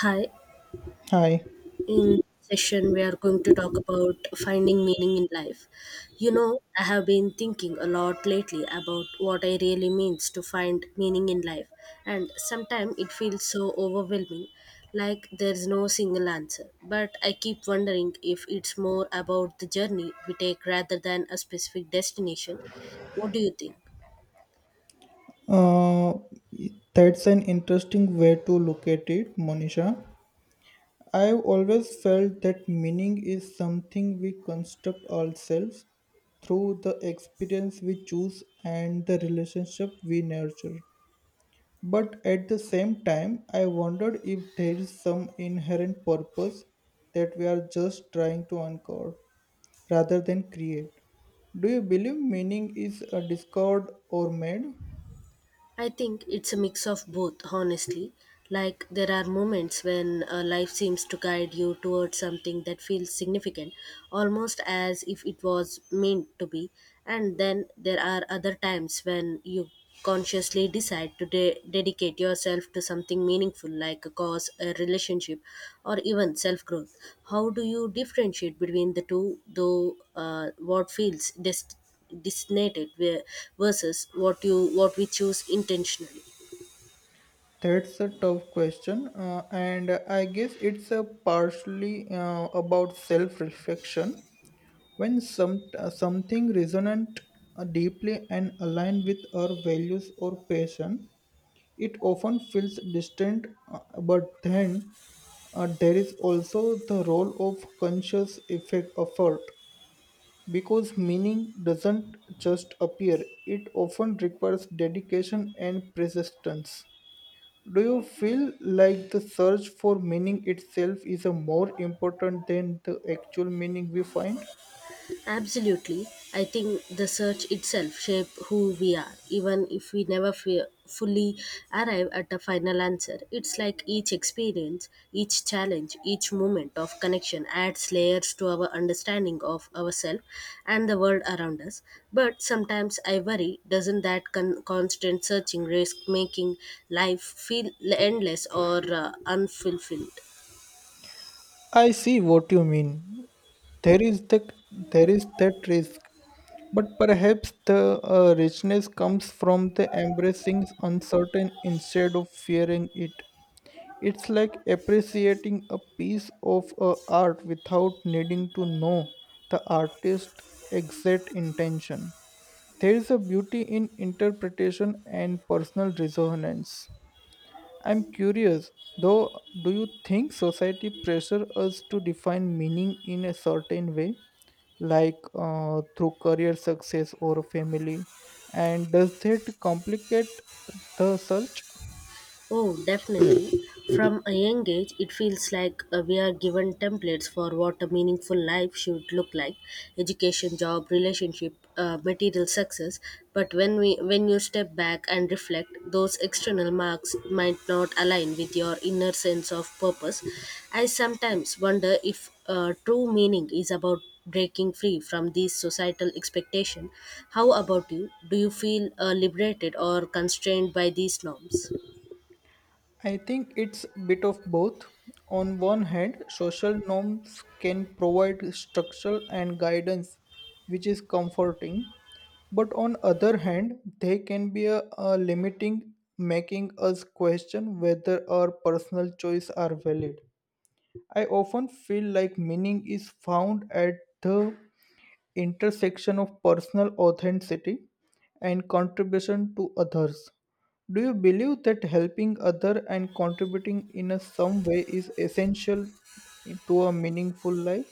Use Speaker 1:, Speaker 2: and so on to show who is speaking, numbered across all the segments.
Speaker 1: Hi,
Speaker 2: Hi.
Speaker 1: in session we are going to talk about finding meaning in life. You know, I have been thinking a lot lately about what I really means to find meaning in life, and sometimes it feels so overwhelming, like there's no single answer. But I keep wondering if it's more about the journey we take rather than a specific destination. What do you think?
Speaker 2: Uh, that's an interesting way to look at it, Monisha. I've always felt that meaning is something we construct ourselves through the experience we choose and the relationship we nurture. But at the same time, I wondered if there is some inherent purpose that we are just trying to uncover rather than create. Do you believe meaning is discovered or made?
Speaker 1: I think it's a mix of both, honestly. Like, there are moments when life seems to guide you towards something that feels significant, almost as if it was meant to be. And then there are other times when you consciously decide to dedicate yourself to something meaningful, like a cause, a relationship, or even self growth. How do you differentiate between the two, though? What feels destined? Designated where versus what you, what we choose intentionally?
Speaker 2: That's a tough question, and I guess it's a partially about self-reflection. When something resonant deeply and aligned with our values or passion, it often feels distant. But then there is also the role of conscious effect effort because meaning doesn't just appear; it often requires dedication and persistence. Do you feel like the search for meaning itself is a more important than the actual meaning we find?
Speaker 1: Absolutely. I think the search itself shape who we are, even if we never fully arrive at a final answer. It's like each experience, each challenge, each moment of connection adds layers to our understanding of ourselves and the world around us. But sometimes I worry, doesn't that constant searching risk making life feel endless or unfulfilled?
Speaker 2: I see what you mean. There is the there is that risk, but perhaps the richness comes from the embracing uncertain instead of fearing it. It's like appreciating a piece of art without needing to know the artist's exact intention. There is a beauty in interpretation and personal resonance. I'm curious, though, do you think society pressure us to define meaning in a certain way, like through career success or family? And does that complicate the search?
Speaker 1: Oh, definitely. From a young age, it feels like we are given templates for what a meaningful life should look like: education, job, relationship, material success. But when you step back and reflect, those external marks might not align with your inner sense of purpose. I sometimes wonder if true meaning is about breaking free from these societal expectations. How about you? Do you feel liberated or constrained by these norms?
Speaker 2: I think it's a bit of both. On one hand, social norms can provide structure and guidance, which is comforting. But on other hand, they can be a limiting, making us question whether our personal choices are valid. I often feel like meaning is found at the intersection of personal authenticity and contribution to others. Do you believe that helping other and contributing in a some way is essential to a meaningful life?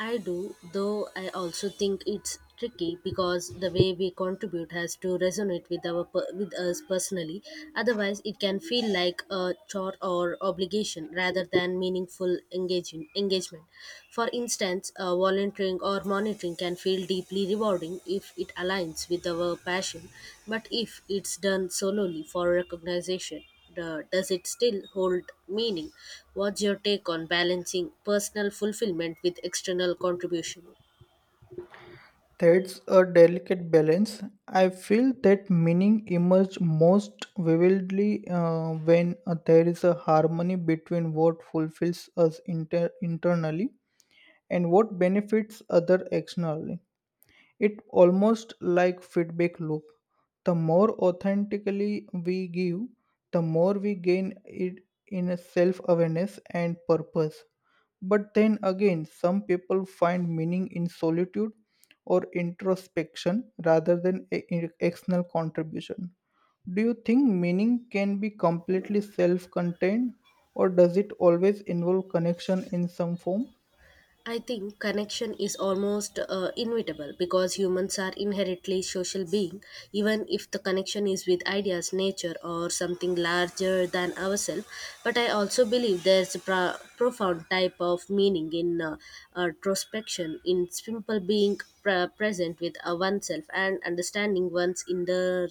Speaker 1: I do, though I also think it's tricky because the way we contribute has to resonate with our with us personally. Otherwise, it can feel like a chore or obligation rather than meaningful engagement. For instance, volunteering or monitoring can feel deeply rewarding if it aligns with our passion, but if it's done solely for recognition, does it still hold meaning? What's your take on balancing personal fulfillment with external contribution?
Speaker 2: That's a delicate balance. I feel that meaning emerges most vividly when there is a harmony between what fulfills us internally and what benefits other externally. It almost like feedback loop. The more authentically we give, the more we gain it in a self-awareness and purpose. But then again, some people find meaning in solitude or introspection rather than in external contribution. Do you think meaning can be completely self contained, or does it always involve connection in some form?
Speaker 1: I think connection is almost inevitable because humans are inherently social beings, even if the connection is with ideas, nature, or something larger than ourselves. But I also believe there's a profound type of meaning in introspection, in simple being present with oneself and understanding one's inner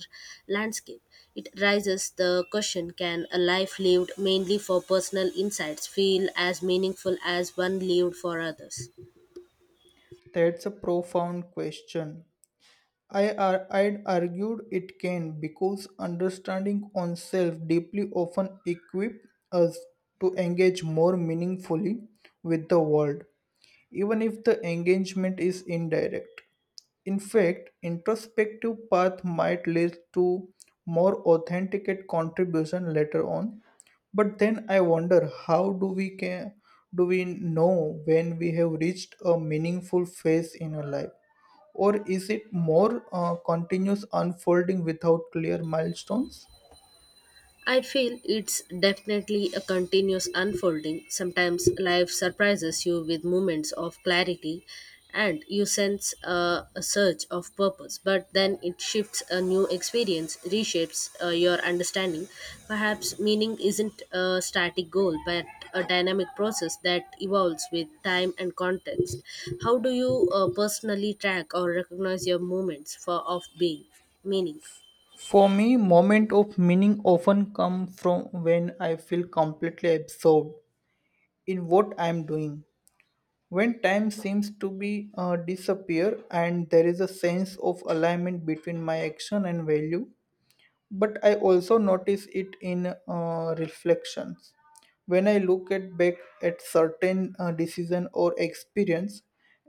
Speaker 1: landscape. It raises the question, can a life lived mainly for personal insights feel as meaningful as one lived for others?
Speaker 2: That's a profound question. I'd argued it can because understanding oneself deeply often equips us to engage more meaningfully with the world even if the engagement is indirect. In fact, introspective path might lead to more authenticate contribution later on. But then I wonder, how do we can do we know when we have reached a meaningful phase in our life? Or is it more continuous unfolding without clear milestones?
Speaker 1: I feel it's definitely a continuous unfolding. Sometimes life surprises you with moments of clarity and you sense a surge of purpose, but then it shifts, a new experience reshapes your understanding. Perhaps meaning isn't a static goal, but a dynamic process that evolves with time and context. How do you personally track or recognize your moments for of being meaning?
Speaker 2: For me, moment of meaning often come from when I feel completely absorbed in what I am doing when time seems to be disappear and there is a sense of alignment between my action and value. But I also notice it in reflections when I look at back at certain decision or experience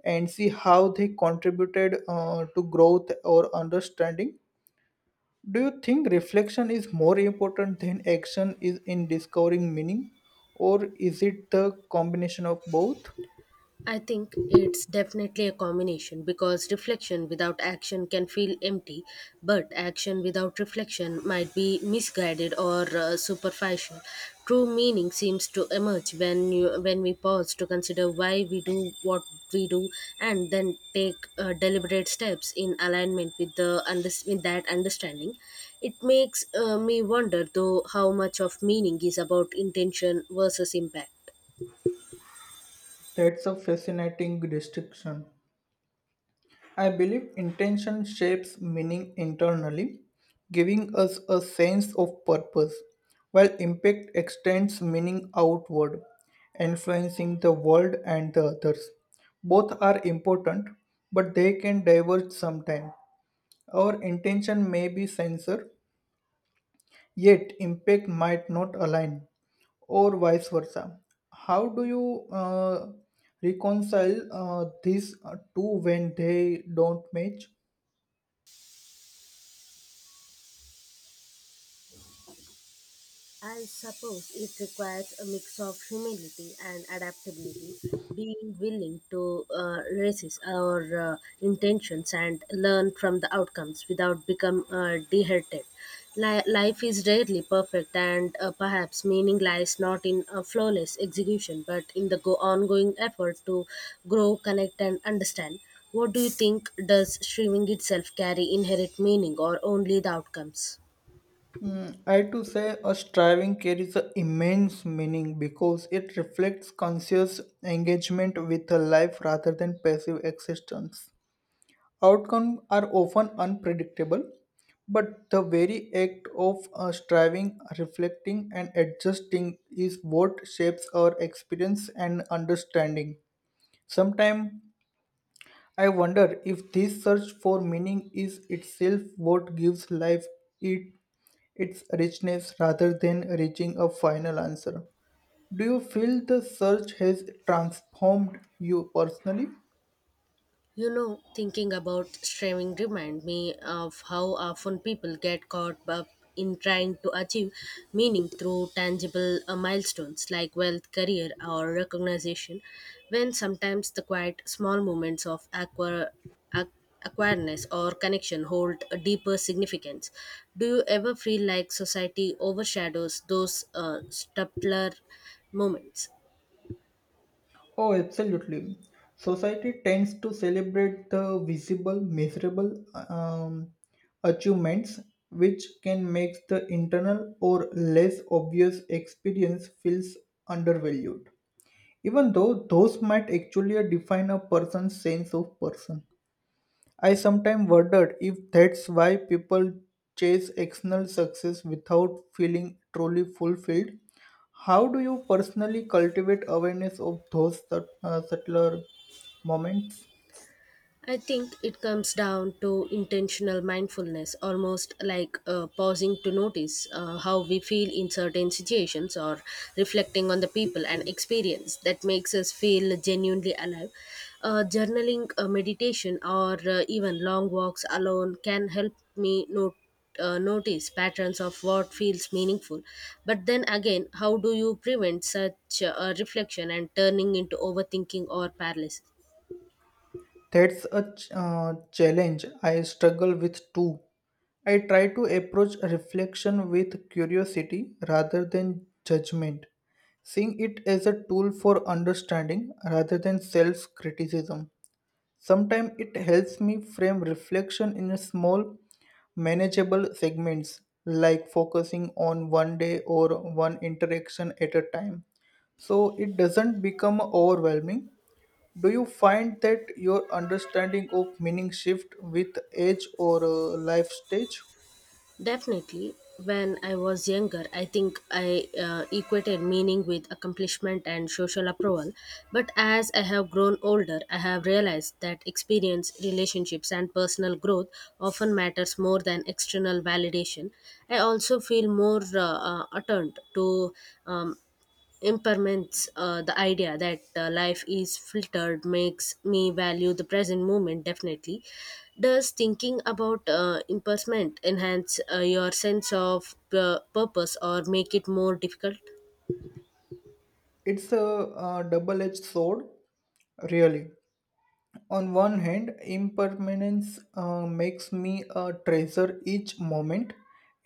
Speaker 2: and see how they contributed to growth or understanding. Do you think reflection is more important than action is in discovering meaning, or is it the combination of both?
Speaker 1: I think it's definitely a combination because reflection without action can feel empty, but action without reflection might be misguided or superficial. True meaning seems to emerge when when we pause to consider why we do what we do, and then take deliberate steps in alignment with the with that understanding. It makes me wonder, though, how much of meaning is about intention versus impact.
Speaker 2: That's a fascinating distinction. I believe intention shapes meaning internally, giving us a sense of purpose, while impact extends meaning outward, influencing the world and the others. Both are important, but they can diverge sometimes. Our intention may be censored, yet impact might not align or vice versa. How do you reconcile these two when they don't match?
Speaker 1: I suppose it requires a mix of humility and adaptability, being willing to resist our intentions and learn from the outcomes without become dehearted. Life is rarely perfect, and perhaps meaning lies not in a flawless execution, but in the ongoing effort to grow, connect, and understand. What do you think? Does streaming itself carry inherent meaning, or only the outcomes?
Speaker 2: Mm, I to say a striving carries an immense meaning because it reflects conscious engagement with a life rather than passive existence. Outcomes are often unpredictable, but the very act of striving, reflecting, and adjusting is what shapes our experience and understanding. Sometimes I wonder if this search for meaning is itself what gives life it, its richness rather than reaching a final answer. Do you feel the search has transformed you personally?
Speaker 1: You know, thinking about streaming remind me of how often people get caught up in trying to achieve meaning through tangible milestones like wealth, career, or recognition, when sometimes the quiet, small moments of ac- acquiredness or connection hold a deeper significance. Do you ever feel like society overshadows those subtler moments?
Speaker 2: Oh, absolutely. Society tends to celebrate the visible, measurable achievements, which can make the internal or less obvious experience feels undervalued, even though those might actually define a person's sense of person. I sometimes wondered if that's why people chase external success without feeling truly fulfilled. How do you personally cultivate awareness of those subtler moments?
Speaker 1: I think it comes down to intentional mindfulness, almost like pausing to notice how we feel in certain situations, or reflecting on the people and experience that makes us feel genuinely alive. Journaling, meditation, or even long walks alone can help me note notice patterns of what feels meaningful. But then again, how do you prevent such reflection and turning into overthinking or paralysis?
Speaker 2: That's a challenge I struggle with too. I try to approach reflection with curiosity rather than judgment, seeing it as a tool for understanding rather than self criticism. Sometimes it helps me frame reflection in small, manageable segments, like focusing on one day or one interaction at a time, so it doesn't become overwhelming. Do you find that your understanding of meaning shift with age or life stage?
Speaker 1: Definitely. When I was younger, I think I equated meaning with accomplishment and social approval. But as I have grown older, I have realized that experience, relationships, and personal growth often matters more than external validation. I also feel more attuned to um, impermanence, the idea that life is filtered, makes me value the present moment definitely. Does thinking about impermanence enhance your sense of purpose or make it more difficult?
Speaker 2: It's a double edged sword, really. On one hand, impermanence makes me treasure each moment,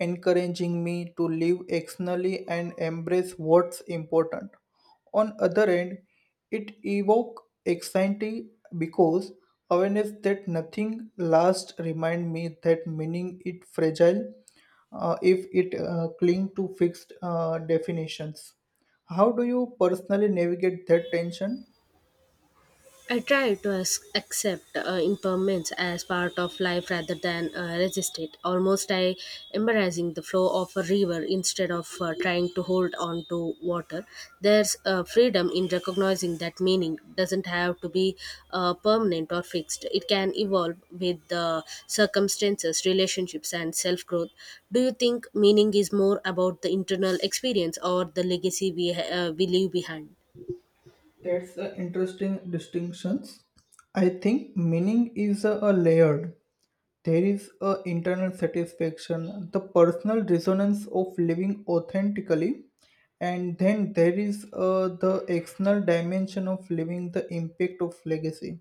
Speaker 2: encouraging me to live externally and embrace what's important. On other hand, it evokes anxiety because awareness that nothing lasts remind me that meaning is fragile if it cling to fixed definitions. How do you personally navigate that tension?
Speaker 1: I try to accept impermanence as part of life rather than resist it. Almost I embracing the flow of a river instead of trying to hold on to water. There's freedom in recognizing that meaning doesn't have to be permanent or fixed. It can evolve with the circumstances, relationships, and self growth. Do you think meaning is more about the internal experience or the legacy we leave behind?
Speaker 2: That's the interesting distinctions. I think meaning is a layered. There is a internal satisfaction, the personal resonance of living authentically, and then there is the external dimension of living the impact of legacy.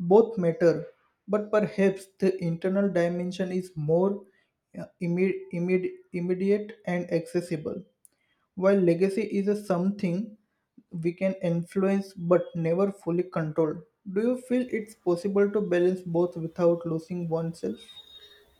Speaker 2: Both matter, but perhaps the internal dimension is more immediate and accessible. While legacy is a something we can influence but never fully control, do you feel it's possible to balance both without losing oneself?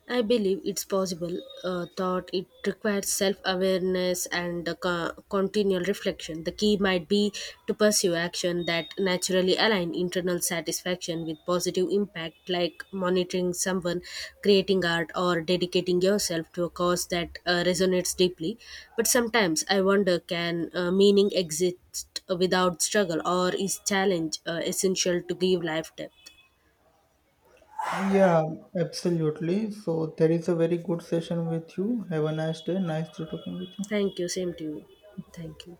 Speaker 1: I believe it's possible, thought it requires self awareness and continual reflection. The key might be to pursue action that naturally align internal satisfaction with positive impact, like monitoring someone, creating art, or dedicating yourself to a cause that resonates deeply. But sometimes I wonder, can meaning exist without struggle, or is challenge essential to give life depth?
Speaker 2: Yeah, absolutely. So there is a very good session with you. Have a nice day. Nice to talking with you.
Speaker 1: Thank you. Same to you. Thank you.